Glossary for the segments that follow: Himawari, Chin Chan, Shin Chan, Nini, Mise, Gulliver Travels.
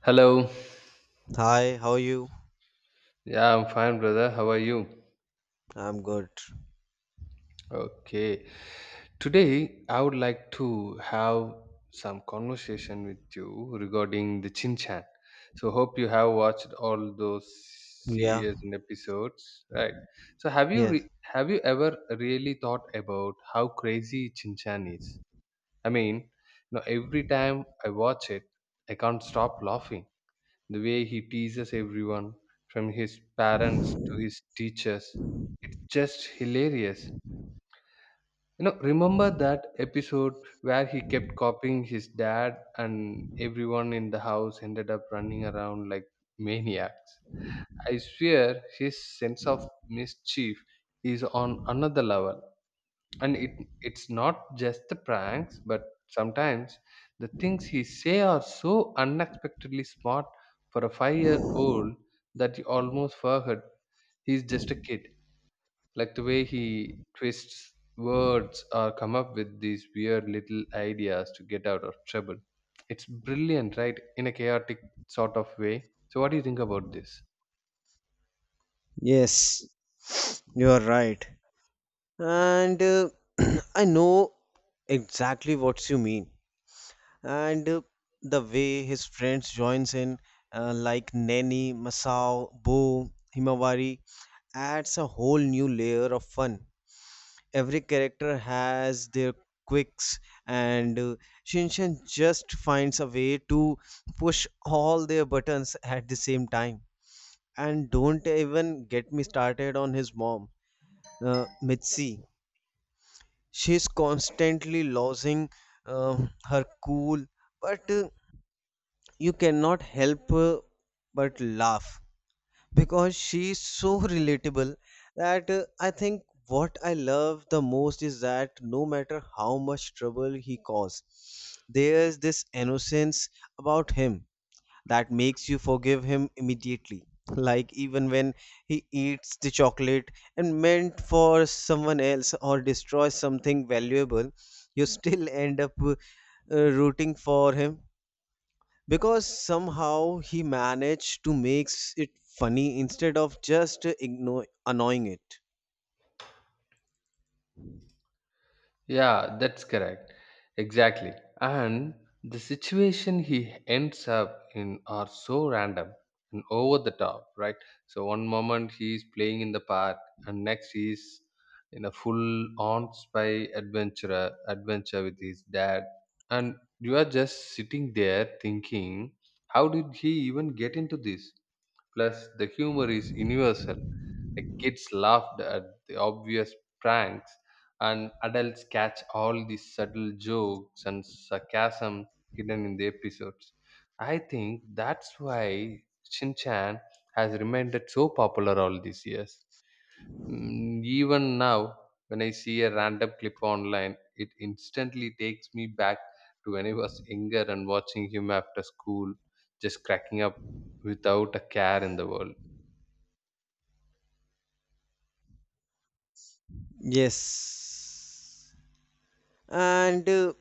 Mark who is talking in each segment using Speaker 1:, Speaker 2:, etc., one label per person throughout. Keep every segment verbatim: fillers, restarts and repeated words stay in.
Speaker 1: Hello.
Speaker 2: Hi, how are you?
Speaker 1: Yeah, I'm fine, brother. How are you?
Speaker 2: I'm good.
Speaker 1: Okay. Today, I would like to have some conversation with you regarding the Chin Chan. So, hope you have watched all those
Speaker 2: Yeah,
Speaker 1: series and episodes, right? So, have you re-
Speaker 2: yes,
Speaker 1: have you ever really thought about how crazy Chin Chan is? I mean, you know, every time I watch it, I can't stop laughing. The way he teases everyone, from his parents to his teachers, it's just hilarious. You know, remember that episode where he kept copying his dad and everyone in the house ended up running around like maniacs? I swear his sense of mischief is on another level, and it it's not just the pranks but sometimes the things he say are so unexpectedly smart for a five year old that you almost forget he's just a kid, like the way he twists words or come up with these weird little ideas to get out of trouble. It's brilliant, right? In a chaotic sort of way. So what do you think about this?
Speaker 2: yes, you are right. And uh, I know exactly what you mean. And uh, the way his friends joins in, uh, like Nanny, Masao, Bo, Himawari, adds a whole new layer of fun. Every character has their quirks, and uh, Shinshan just finds a way to push all their buttons at the same time. And don't even get me started on his mom, uh, Mitzi. She's constantly losing uh, her cool, but uh, you cannot help uh, but laugh because she's so relatable that uh, I think what I love the most is that no matter how much trouble he caused, there's this innocence about him that makes you forgive him immediately. Like even when he eats the chocolate and meant for someone else or destroys something valuable, you still end up uh, rooting for him because somehow he managed to make it funny instead of just ignore annoying it.
Speaker 1: Yeah, that's correct. Exactly. And the situation he ends up in are so random and over the top, right? So one moment he's playing in the park and next he's in a full on spy adventurer adventure with his dad. And you are just sitting there thinking, how did he even get into this? Plus, the humor is universal. The kids laughed at the obvious pranks, and adults catch all the subtle jokes and sarcasm hidden in the episodes. I think that's why Shin Chan has remained so popular all these years. Mm, Even now, when I see a random clip online, it instantly takes me back to when I was younger and watching him after school, just cracking up without a care in the world.
Speaker 2: Yes. and uh,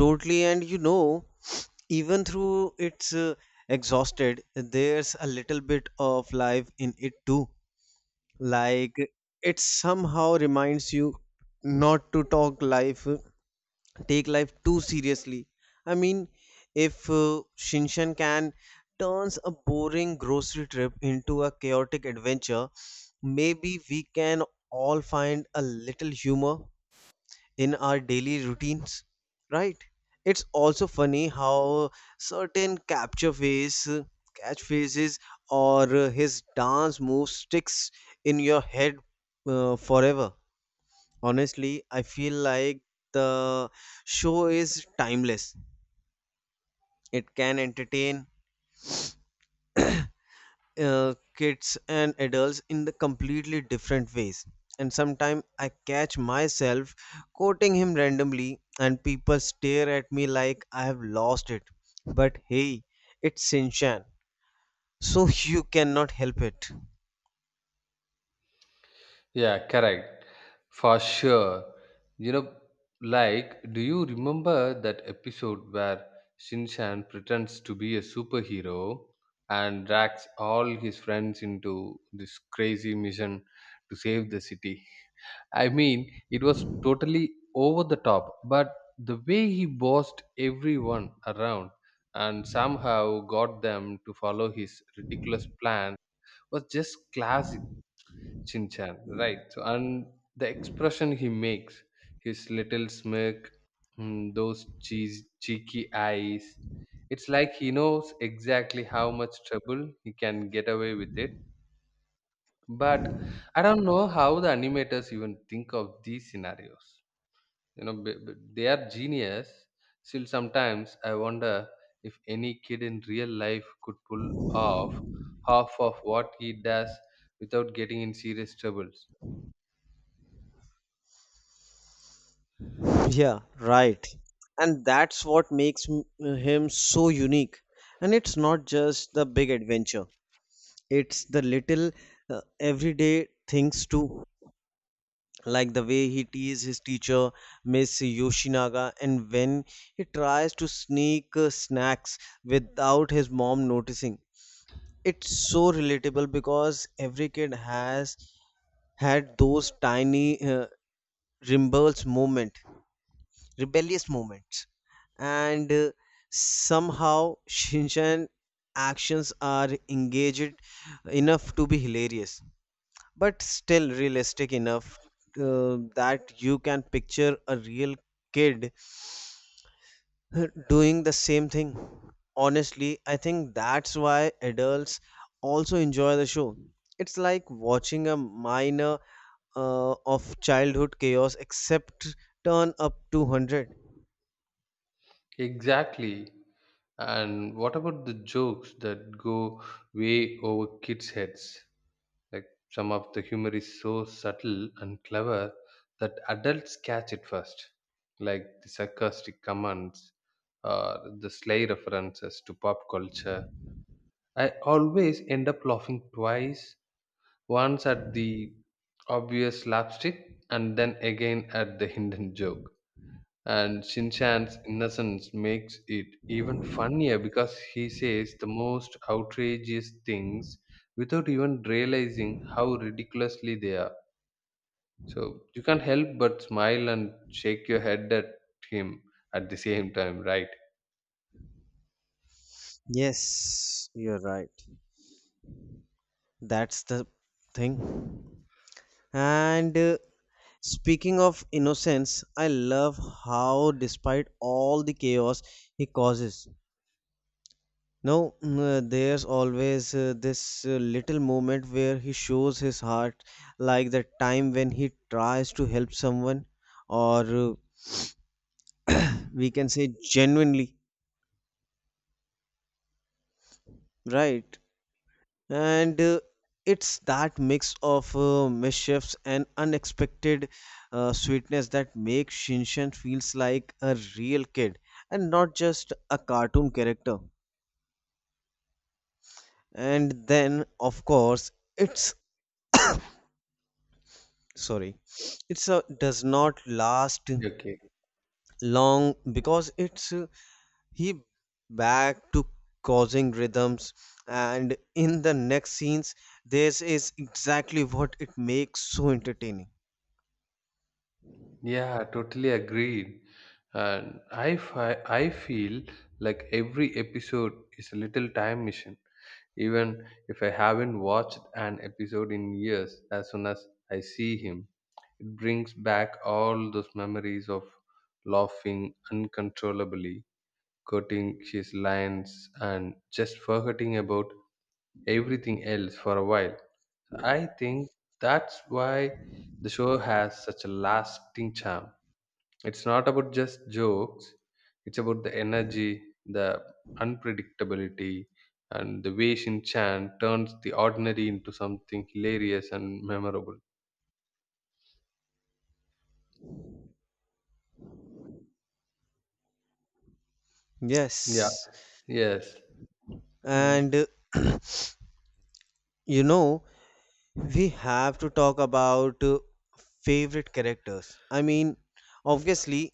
Speaker 2: Totally. And you know, even through it's uh, exhausted, there's a little bit of life in it too. Like it somehow reminds you not to talk life take life too seriously. I mean, if uh, Shinshan can turns a boring grocery trip into a chaotic adventure, maybe we can all find a little humor in our daily routines, right? It's also funny how certain capture face catchphrases or uh, his dance move sticks in your head uh, forever. Honestly, I feel like the show is timeless. It can entertain uh, kids and adults in the completely different ways. And sometimes I catch myself quoting him randomly and people stare at me like I have lost it. But hey, it's Sinchan, so you cannot help it.
Speaker 1: Yeah, correct. For sure. You know, like, do you remember that episode where Shinshan pretends to be a superhero and drags all his friends into this crazy mission to save the city? I mean, it was totally over the top, but the way he bossed everyone around and somehow got them to follow his ridiculous plan was just classic Shin-chan, right? So, and the expression he makes, his little smirk, mm, those cheese, cheeky eyes, it's like he knows exactly how much trouble he can get away with it. But I don't know how the animators even think of these scenarios. You know, b- b- they are genius. Still, sometimes I wonder if any kid in real life could pull off half of what he does without getting in serious troubles.
Speaker 2: Yeah, right. And that's what makes m- him so unique. And it's not just the big adventure, it's the little uh, everyday things too. Like the way he teases his teacher, Miss Yoshinaga, and when he tries to sneak uh, snacks without his mom noticing. It's so relatable because every kid has had those tiny uh, rebels moment, rebellious moments, and uh, somehow Shinchan actions are engaged enough to be hilarious but still realistic enough uh, that you can picture a real kid doing the same thing. Honestly, I think that's why adults also enjoy the show. It's like watching a minor uh, of childhood chaos except turn up two hundred.
Speaker 1: Exactly. And what about the jokes that go way over kids' heads? Like some of the humor is so subtle and clever that adults catch it first, like the sarcastic comments or the sly references to pop culture. I always end up laughing twice, once at the obvious slapstick and then again at the hidden joke. And Shinchan's innocence makes it even funnier because he says the most outrageous things without even realizing how ridiculously they are. So you can't help but smile and shake your head at him at the same time, right?
Speaker 2: Yes, you're right. That's the thing. And uh, Speaking of innocence, I love how, despite all the chaos he causes, now mm, there's always uh, this uh, little moment where he shows his heart, like the time when he tries to help someone, or uh, we can say genuinely, right? and uh, It's that mix of uh, mischiefs and unexpected uh, sweetness that makes Shinshan feels like a real kid and not just a cartoon character. And then, of course, it's, sorry, it's a does not last
Speaker 1: Okay.
Speaker 2: long because it's uh, he back to causing rhythms and in the next scenes this is exactly what it makes so entertaining.
Speaker 1: Yeah, totally agreed. And I, fi- I feel like every episode is a little time machine. Even if I haven't watched an episode in years, as soon as I see him, it brings back all those memories of laughing uncontrollably, quoting his lines, and just forgetting about everything else for a while. So, I think that's why the show has such a lasting charm. It's not about just jokes, it's about the energy, the unpredictability, and the way Shin Chan turns the ordinary into something hilarious and memorable. Yeah,
Speaker 2: Yes,
Speaker 1: yes. Mm.
Speaker 2: and uh, You know, we have to talk about uh, favorite characters. I mean, obviously,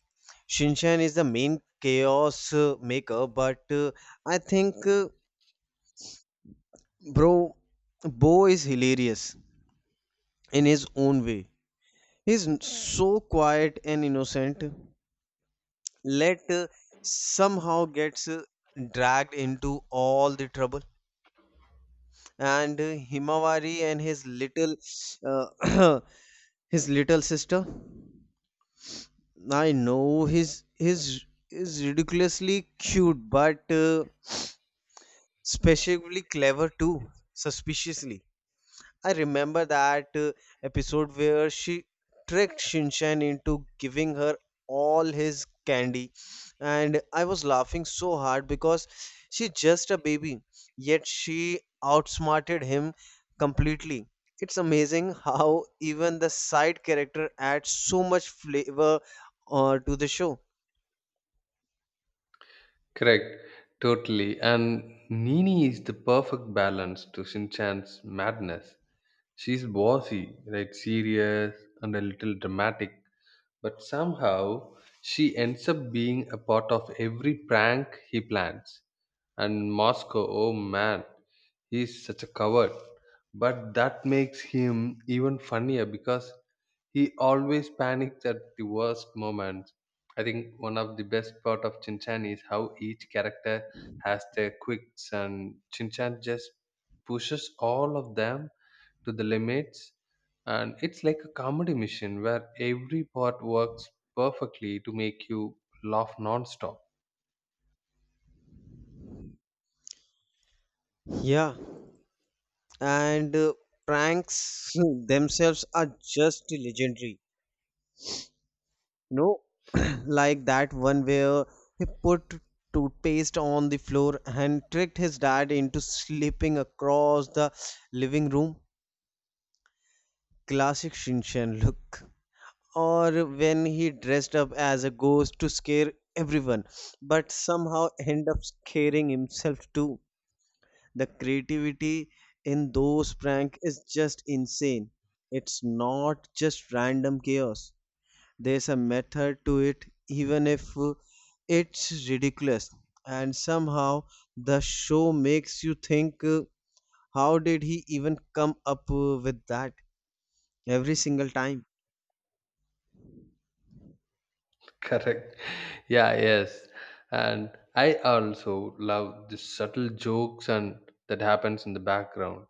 Speaker 2: Shinchan is the main chaos uh, maker, but uh, I think, uh, bro, Bo is hilarious in his own way. He's n- so quiet and innocent, let uh, somehow gets uh, dragged into all the trouble. and uh, Himawari and his little uh, his little sister. I know his his is ridiculously cute, but uh, specifically clever too, suspiciously. I remember that uh, episode where she tricked Shinshan into giving her all his candy, and I was laughing so hard because she's just a baby, yet she outsmarted him completely. It's amazing how even the side character adds so much flavor uh, to the show.
Speaker 1: Correct. Totally. And Nini is the perfect balance to Shinchan's madness. She's bossy, right? Serious and a little dramatic, but somehow she ends up being a part of every prank he plans. And Moscow, oh man, he's such a coward. But that makes him even funnier because he always panics at the worst moments. I think one of the best part of Chinchan is how each character has their quirks and Chinchan just pushes all of them to the limits. And it's like a comedy mission where every part works perfectly to make you laugh non-stop.
Speaker 2: Yeah, and uh, Pranks themselves are just legendary. No, like that one where he put toothpaste on the floor and tricked his dad into slipping across the living room. Classic Shinchan look. Or when he dressed up as a ghost to scare everyone, but somehow end up scaring himself too. The creativity in those prank is just insane. It's not just random chaos. There's a method to it, even if uh, it's ridiculous. And somehow the show makes you think, uh, how did he even come up uh, with that every single time?
Speaker 1: Correct. Yeah, yes. And I also love the subtle jokes and that happens in the background.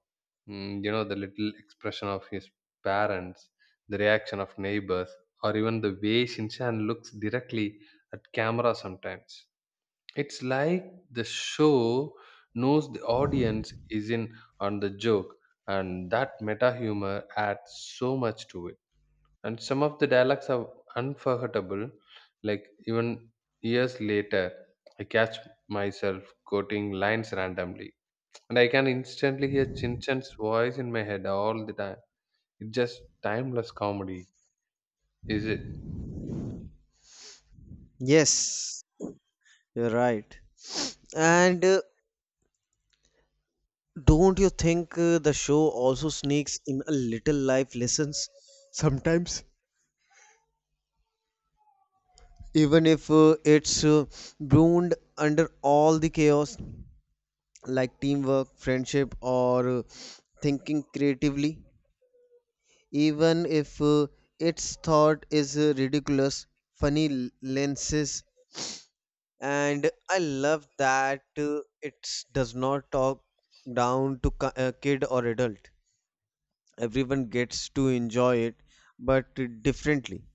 Speaker 1: Mm, you know, the little expression of his parents, the reaction of neighbors, or even the way Shinchan looks directly at camera sometimes. It's like the show knows the audience is in on the joke, and that meta humor adds so much to it. And some of the dialogues are unforgettable, like even years later, I catch myself quoting lines randomly, and I can instantly hear Chin Chan's voice in my head all the time. It's just timeless comedy, is it?
Speaker 2: Yes, you're right. And uh, Don't you think uh, the show also sneaks in a little life lessons sometimes? Even if uh, it's uh, broomed under all the chaos, like teamwork, friendship, or uh, thinking creatively, even if uh, its thought is uh, ridiculous, funny l- lenses. And I love that uh, it does not talk down to ki- uh, kid or adult. Everyone gets to enjoy it, but differently.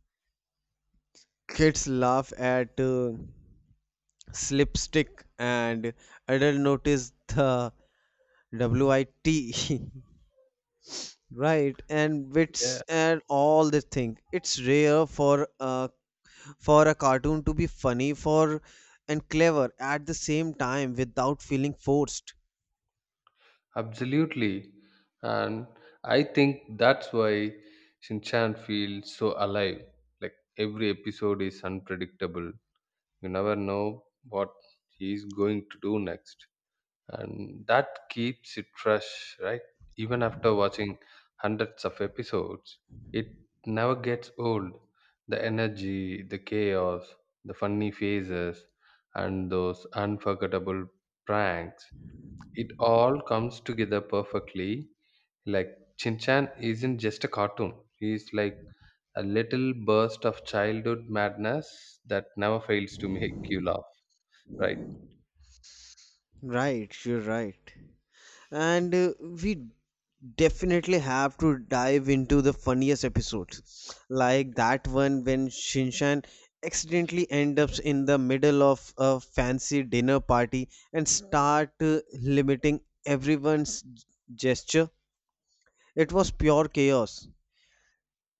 Speaker 2: Kids laugh at uh, slipstick, and adult notice the WIT. Right, and
Speaker 1: Yeah.
Speaker 2: wits and all the thing. It's rare for a, for a cartoon to be funny for and clever at the same time without feeling forced.
Speaker 1: Absolutely. And I think that's why Shinchan feels so alive. Like every episode is unpredictable. You never know what he's going to do next. And that keeps it fresh, right? Even after watching hundreds of episodes, it never gets old. The energy, the chaos, the funny faces, and those unforgettable pranks, it all comes together perfectly. Like Shin Chan isn't just a cartoon. He's like a little burst of childhood madness that never fails to make you laugh. Right?
Speaker 2: Right, you're right. And uh, We definitely have to dive into the funniest episodes, like that one when Shinshan accidentally ends up in the middle of a fancy dinner party and start uh, limiting everyone's gesture. It was pure chaos.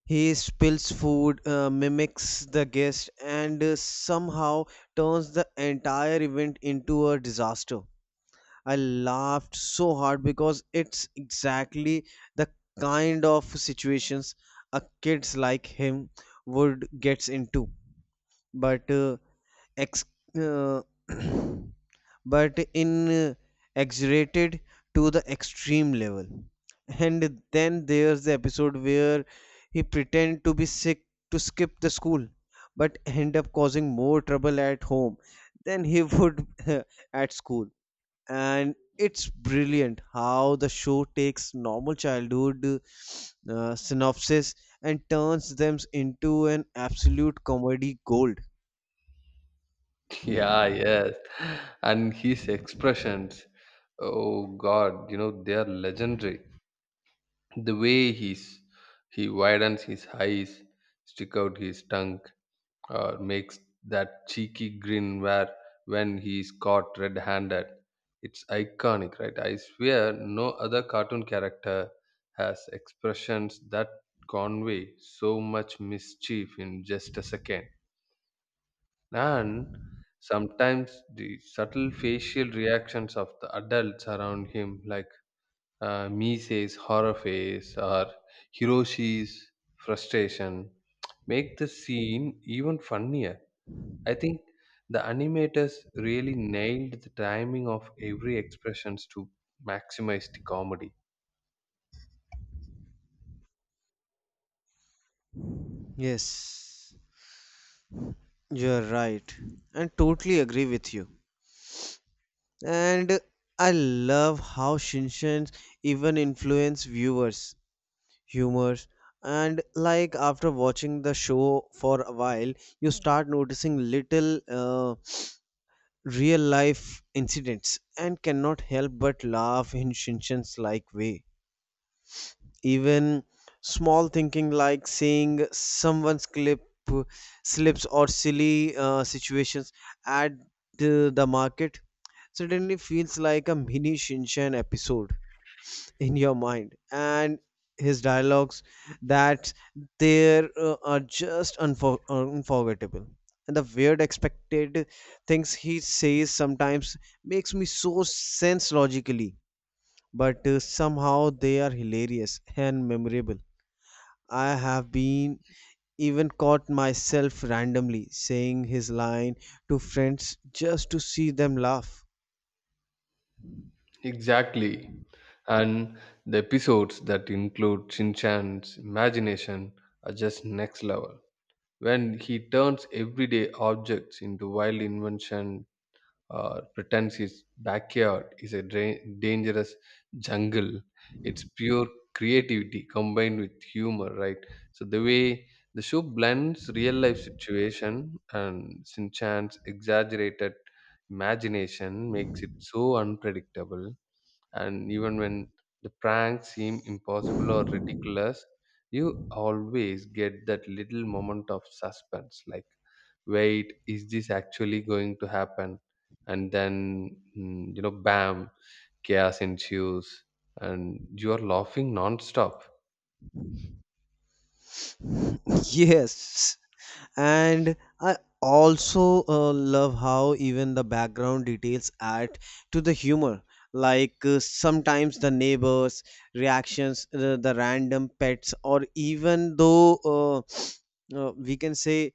Speaker 2: He spills food, uh, mimics the guest, and uh, somehow turns the entire event into a disaster. I laughed so hard because it's exactly the kind of situations a kids like him would gets into. But uh, ex- uh, but in uh, exaggerated to the extreme level. And then there's the episode where he pretend to be sick to skip the school but end up causing more trouble at home than he would at school. And it's brilliant how the show takes normal childhood uh, synopsis and turns them into an absolute comedy gold.
Speaker 1: Yeah, yes. And his expressions, oh God, you know, they are legendary. The way he's He widens his eyes, stick out his tongue, or makes that cheeky grin where when he's caught red-handed. It's iconic, right? I swear no other cartoon character has expressions that convey so much mischief in just a second. And sometimes the subtle facial reactions of the adults around him, like uh, Mise's horror face or Hiroshi's frustration, make the scene even funnier. I think the animators really nailed the timing of every expressions to maximize the comedy.
Speaker 2: yes You're right, and totally agree with you. And I love how Shinshans even influence viewers' humors. And like after watching the show for a while, you start noticing little uh, real life incidents and cannot help but laugh in Shinshan's like way. Even small thinking like seeing someone's clip slips or silly uh, situations at the, the market suddenly feels like a mini Shinchan episode in your mind, and his dialogues that there uh, are just unfor- unforgettable. And the weird expected things he says sometimes makes me so sense logically, but uh, somehow they are hilarious and memorable. I have been even caught myself randomly saying his line to friends just to see them laugh.
Speaker 1: Exactly. And the episodes that include Shin Chan's imagination are just next level. When he turns everyday objects into wild invention, or pretends his backyard is a dra- dangerous jungle. It's pure creativity combined with humor, right? So the way the show blends real life situation and Sinchan's exaggerated imagination makes it so unpredictable, and even when the pranks seem impossible or ridiculous you always get that little moment of suspense, like wait, is this actually going to happen? And then, mm, you know bam, chaos ensues and you are laughing non-stop.
Speaker 2: Yes, and I also uh, love how even the background details add to the humor. Like uh, sometimes the neighbors reactions, the, the random pets or even though uh, uh, we can say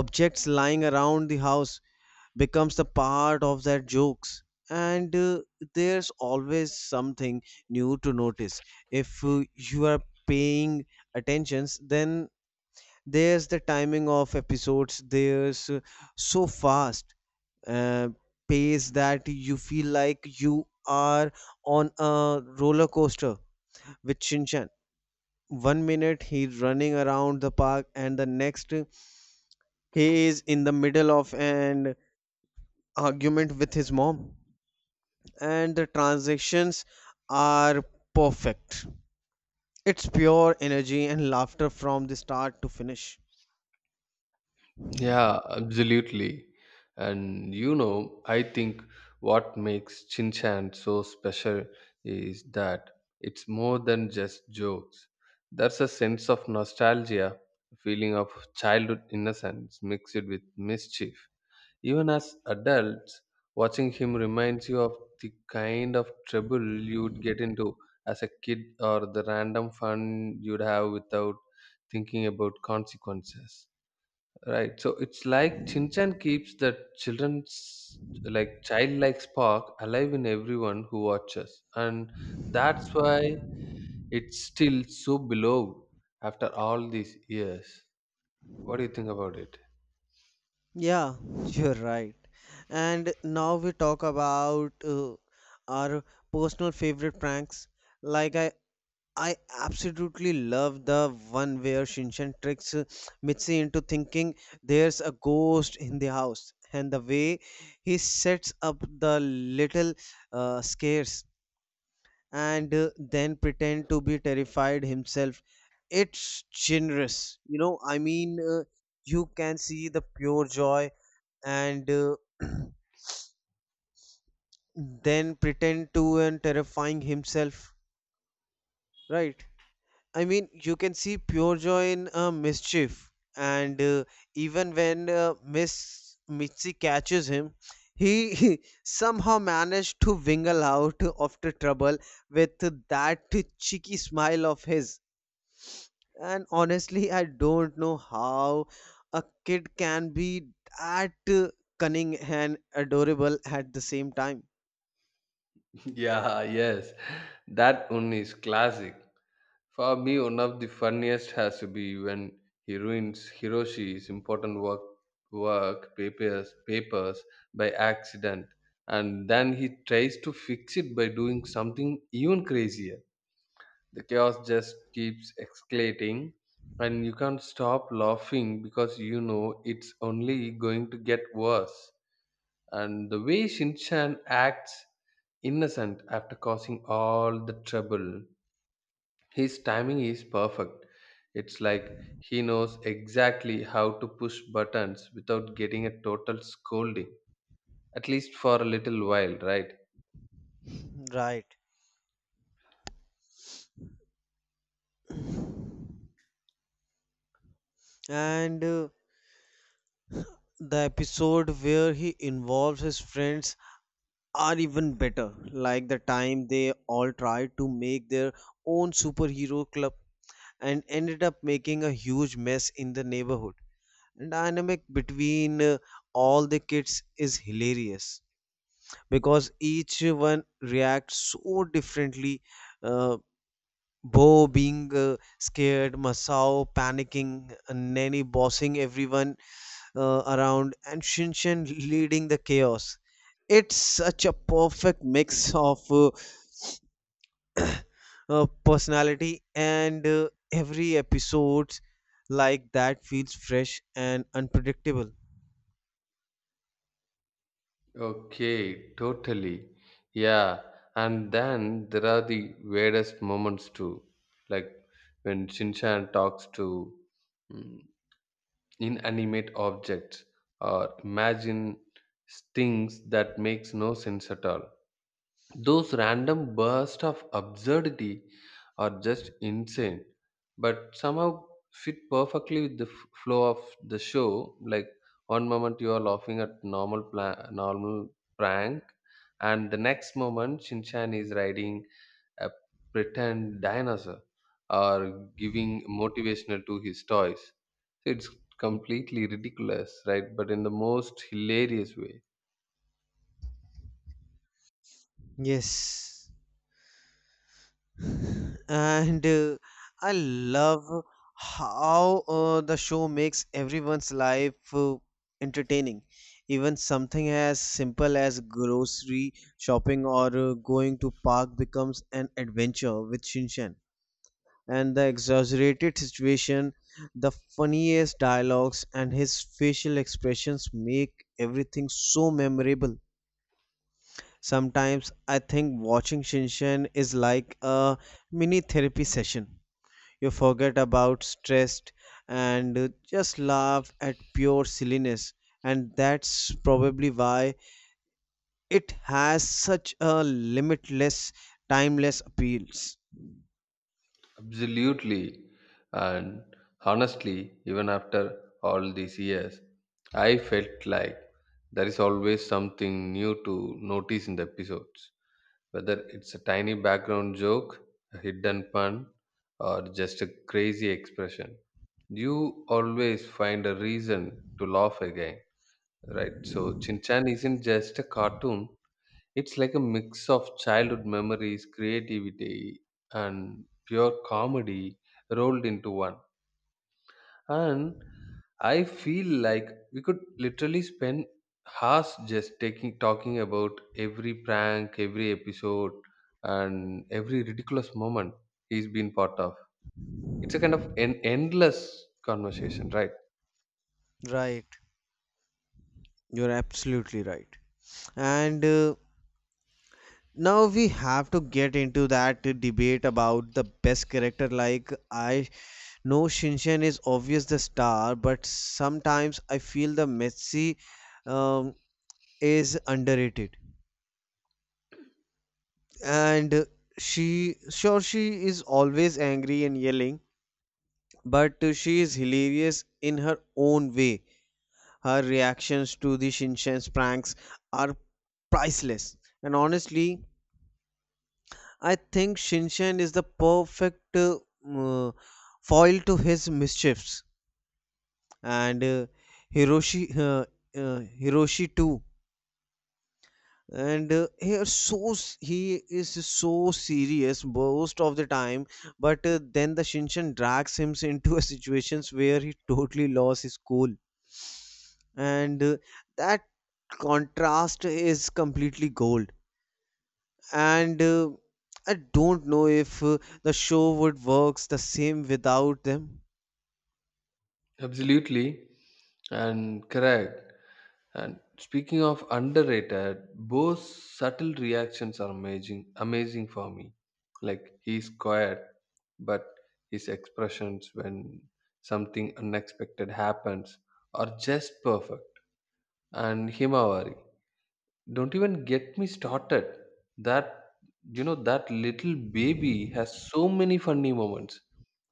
Speaker 2: objects lying around the house becomes the part of their jokes, and uh, there's always something new to notice if uh, you are paying attentions. Then there's the timing of episodes, there's uh, so fast uh, pace that you feel like you are on a roller coaster with Shinchan. One minute he's running around the park and the next he is in the middle of an argument with his mom and the transitions are perfect. It's pure energy and laughter from the start to finish.
Speaker 1: Yeah, absolutely. And you know, I think what makes Chin Chan so special is that it's more than just jokes. There's a sense of nostalgia, a feeling of childhood innocence mixed with mischief. Even as adults, watching him reminds you of the kind of trouble you would get into as a kid, or the random fun you'd have without thinking about consequences. Right. So it's like Chinchan keeps the children's like childlike spark alive in everyone who watches. And that's why it's still so beloved after all these years. What do you think about it?
Speaker 2: Yeah, you're right. And now we talk about uh, our personal favorite pranks. Like I, I absolutely love the one where Shinshan tricks uh, Mitzi into thinking there's a ghost in the house, and the way he sets up the little uh, scares and uh, then pretend to be terrified himself. It's generous, you know. I mean, uh, you can see the pure joy and uh, then pretend to and terrifying himself, right? I mean, you can see pure joy in uh, mischief, and uh, even when uh, Miss Mitzi catches him, he, he somehow managed to wingle out of the trouble with that cheeky smile of his. And honestly I don't know how a kid can be that uh, cunning and adorable at the same time,
Speaker 1: Yeah, yes. That one is classic. For me, one of the funniest has to be when he ruins Hiroshi's important work work papers papers by accident, and then he tries to fix it by doing something even crazier. The chaos just keeps escalating, and you can't stop laughing because you know it's only going to get worse. And the way Shinchan acts innocent after causing all the trouble, his timing is perfect. It's like he knows exactly how to push buttons without getting a total scolding, at least for a little while, right?
Speaker 2: right? And uh, The episode where he involves his friends are even better, like the time they all tried to make their own superhero club and ended up making a huge mess in the neighborhood. The dynamic between uh, all the kids is hilarious because each one reacts so differently. Uh, Bo being uh, scared, Masao panicking, Nanny bossing everyone, uh, around and Shinshin leading the chaos. It's such a perfect mix of uh, uh, personality, and uh, every episode like that feels fresh and unpredictable.
Speaker 1: Okay, totally. Yeah, and then there are the weirdest moments too, like when Shinchan talks to mm, inanimate objects or imagine things that makes no sense at all. Those random bursts of absurdity are just insane, but somehow fit perfectly with the f- flow of the show. Like one moment you are laughing at normal pla- normal prank, and the next moment Shinchan is riding a pretend dinosaur or giving motivational to his toys. So, it's completely ridiculous, right? But in the most hilarious way.
Speaker 2: Yes. and uh, I love how uh, the show makes everyone's life uh, entertaining. Even something as simple as grocery shopping or uh, going to park becomes an adventure with Shinshan. And the exaggerated situation, the funniest dialogues, and his facial expressions make everything so memorable. Sometimes I think watching Shinshan is like a mini therapy session. You forget about stress and uh, just laugh at pure silliness. And that's probably why it has such a limitless, timeless appeals.
Speaker 1: Absolutely. And honestly, even after all these years, I felt like there is always something new to notice in the episodes, whether it's a tiny background joke, a hidden pun, or just a crazy expression. You always find a reason to laugh again, right? So, Chin Chan isn't just a cartoon, it's like a mix of childhood memories, creativity, and pure comedy rolled into one. And I feel like we could literally spend hours just taking talking about every prank, every episode, and every ridiculous moment he's been part of. It's a kind of an endless conversation, right?
Speaker 2: Right. You're absolutely right. And uh, now we have to get into that debate about the best character. Like, I know Shinshan is obvious the star, but sometimes I feel the Messi um, is underrated. And she sure she is always angry and yelling, but she is hilarious in her own way. Her reactions to the shinshan's pranks are priceless. And honestly, I think shinshan is the perfect uh, uh, foil to his mischiefs. And uh, hiroshi uh, uh, hiroshi too. And uh, he is so s- he is so serious most of the time, but uh, then the shinshan drags him into a situations where he totally lost his cool. And uh, that contrast is completely gold. And uh, I don't know if uh, the show would works the same without them.
Speaker 1: Absolutely, and correct. And speaking of underrated, Bo's subtle reactions are amazing, amazing for me. Like he's quiet, but his expressions when something unexpected happens are just perfect. And Himawari. Don't even get me started. That You know that little baby has so many funny moments.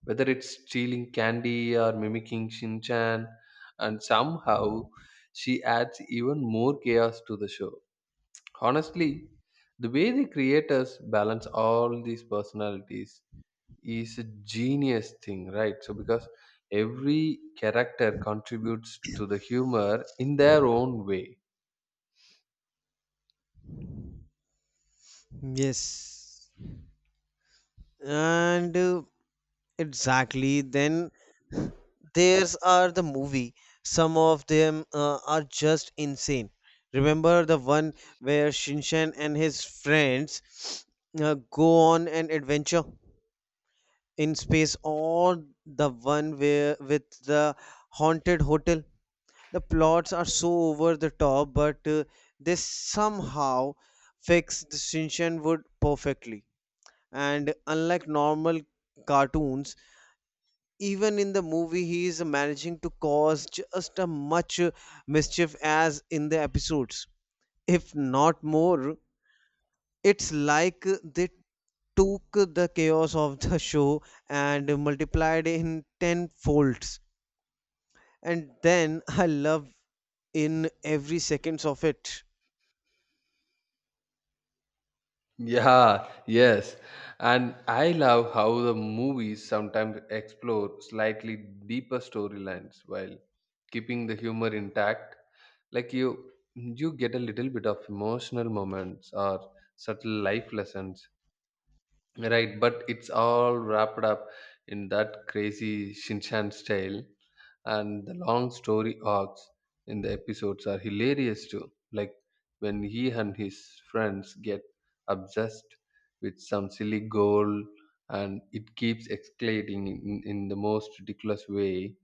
Speaker 1: Whether it's stealing candy or mimicking Shinchan, and somehow she adds even more chaos to the show. Honestly, the way the creators balance all these personalities is a genius thing, right? So because every character contributes to the humor in their own way.
Speaker 2: Yes, and uh, exactly. Then there's are the movie. Some of them uh, are just insane. Remember the one where Shinshan and his friends uh, go on an adventure in space, or the one where with the haunted hotel? The plots are so over the top, but uh, they somehow fix the Shinshan wood perfectly. And unlike normal cartoons, even in the movie he is managing to cause just as much uh, mischief as in the episodes, if not more. It's like uh, they took the chaos of the show and multiplied in ten folds. And then I love in every seconds of it.
Speaker 1: Yeah, yes. And I love how the movies sometimes explore slightly deeper storylines while keeping the humor intact. Like you you get a little bit of emotional moments or subtle life lessons. Right, but it's all wrapped up in that crazy Shinshan style, and the long story arcs in the episodes are hilarious too. Like when he and his friends get obsessed with some silly goal, and it keeps escalating in, in the most ridiculous way.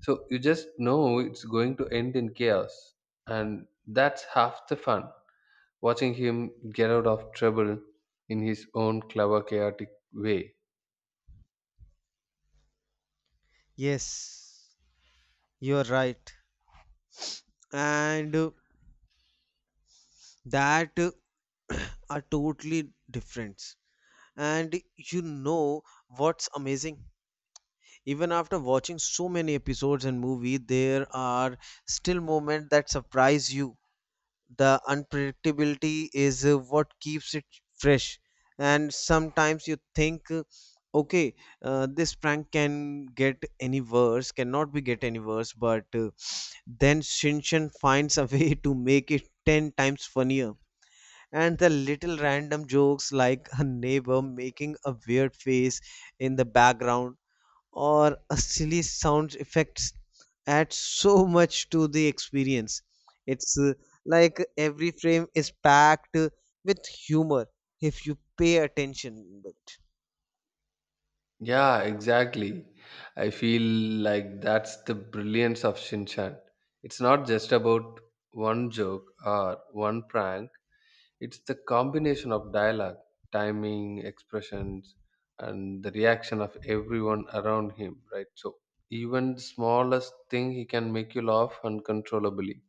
Speaker 1: So you just know it's going to end in chaos, and that's half the fun, watching him get out of trouble in his own clever, chaotic way.
Speaker 2: Yes, you are right. And uh, that uh, are totally different. And you know what's amazing, even after watching so many episodes and movie, there are still moments that surprise you. The unpredictability is uh, what keeps it fresh. And sometimes you think, uh, okay, uh, this prank can get any worse cannot be get any worse, but uh, then shinshan finds a way to make it ten times funnier. And the little random jokes like a neighbor making a weird face in the background or a silly sound effects add so much to the experience. It's uh, like every frame is packed uh, with humor if you pay attention. But
Speaker 1: Yeah, exactly. I feel like that's the brilliance of Shinchan. It's not just about one joke or one prank, it's the combination of dialogue, timing, expressions, and the reaction of everyone around him, right? So, even the smallest thing, he can make you laugh uncontrollably.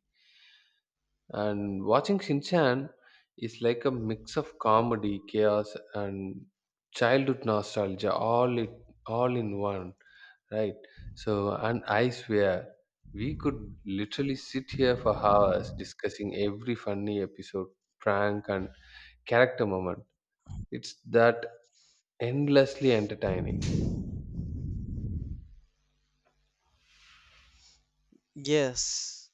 Speaker 1: And watching Shinchan is like a mix of comedy, chaos, and childhood nostalgia, all it all in one, right? So, and I swear, we could literally sit here for hours discussing every funny episode, prank, and character moment. It's that endlessly entertaining.
Speaker 2: yes,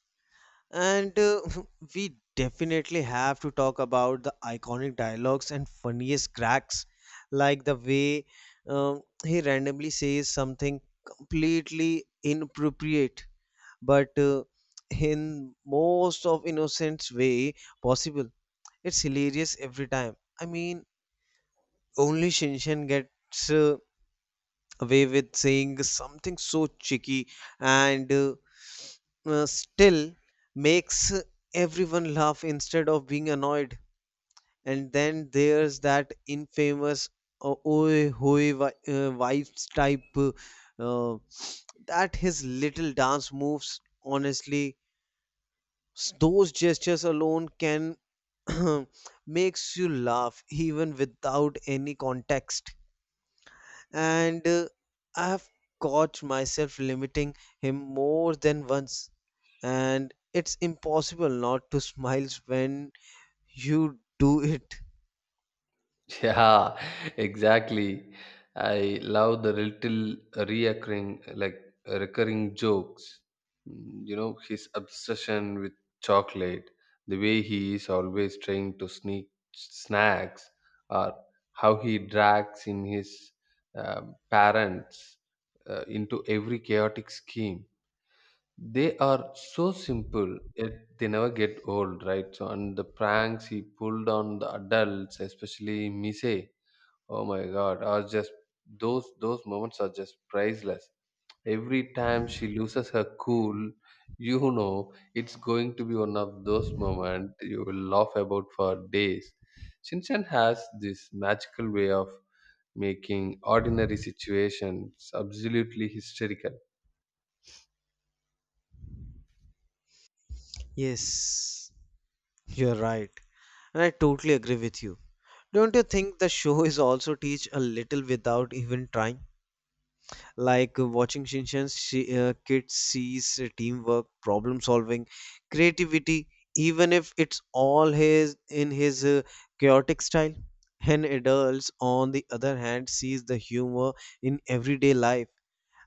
Speaker 2: and uh, we definitely have to talk about the iconic dialogues and funniest cracks, like the way um, he randomly says something completely inappropriate, but uh, in most of innocent way possible. It's hilarious every time. I mean, only shinshin gets uh, away with saying something so cheeky. And uh, uh, still makes everyone laugh instead of being annoyed. And then there's that infamous uh, oi hoi vi- uh, vibes type uh, uh, that his little dance moves. Honestly, S- those gestures alone can makes you laugh even without any context. And uh, I have caught myself limiting him more than once. And it's impossible not to smile when you do it.
Speaker 1: Yeah, exactly. I love the little recurring, like recurring jokes. Mm, You know, his obsession with chocolate, the way he is always trying to sneak snacks, or how he drags in his um parents uh, into every chaotic scheme. They are so simple, yet they never get old, right? So, and the pranks he pulled on the adults, especially Mise, oh my God, are just those those moments are just priceless. Every time she loses her cool, you know it's going to be one of those moments you will laugh about for days. Shinchan has this magical way of making ordinary situations absolutely hysterical.
Speaker 2: Yes, you're right. And I totally agree with you. Don't you think the show is also teach a little without even trying? Like uh, watching Shinshan, she, uh, kids sees uh, teamwork, problem solving, creativity, even if it's all his in his uh, chaotic style. And adults, on the other hand, sees the humor in everyday life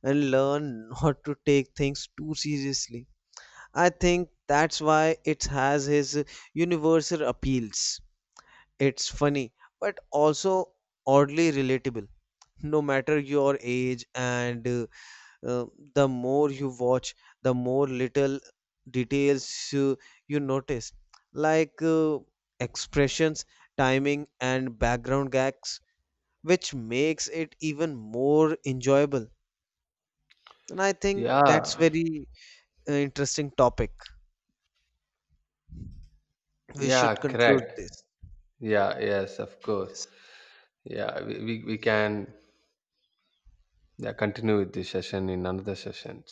Speaker 2: and learn not to take things too seriously. I think that's why it has his uh, universal appeals. It's funny, but also oddly relatable no matter your age. And uh, uh, the more you watch, the more little details you, you notice, like uh, expressions, timing and background gags, which makes it even more enjoyable. And I think
Speaker 1: Yeah,
Speaker 2: that's very uh, interesting topic. We
Speaker 1: yeah,
Speaker 2: should conclude
Speaker 1: correct.
Speaker 2: this.
Speaker 1: Yeah, yes, of course.
Speaker 2: Yes.
Speaker 1: Yeah, we, we, we can, yeah, continue with this session in another session.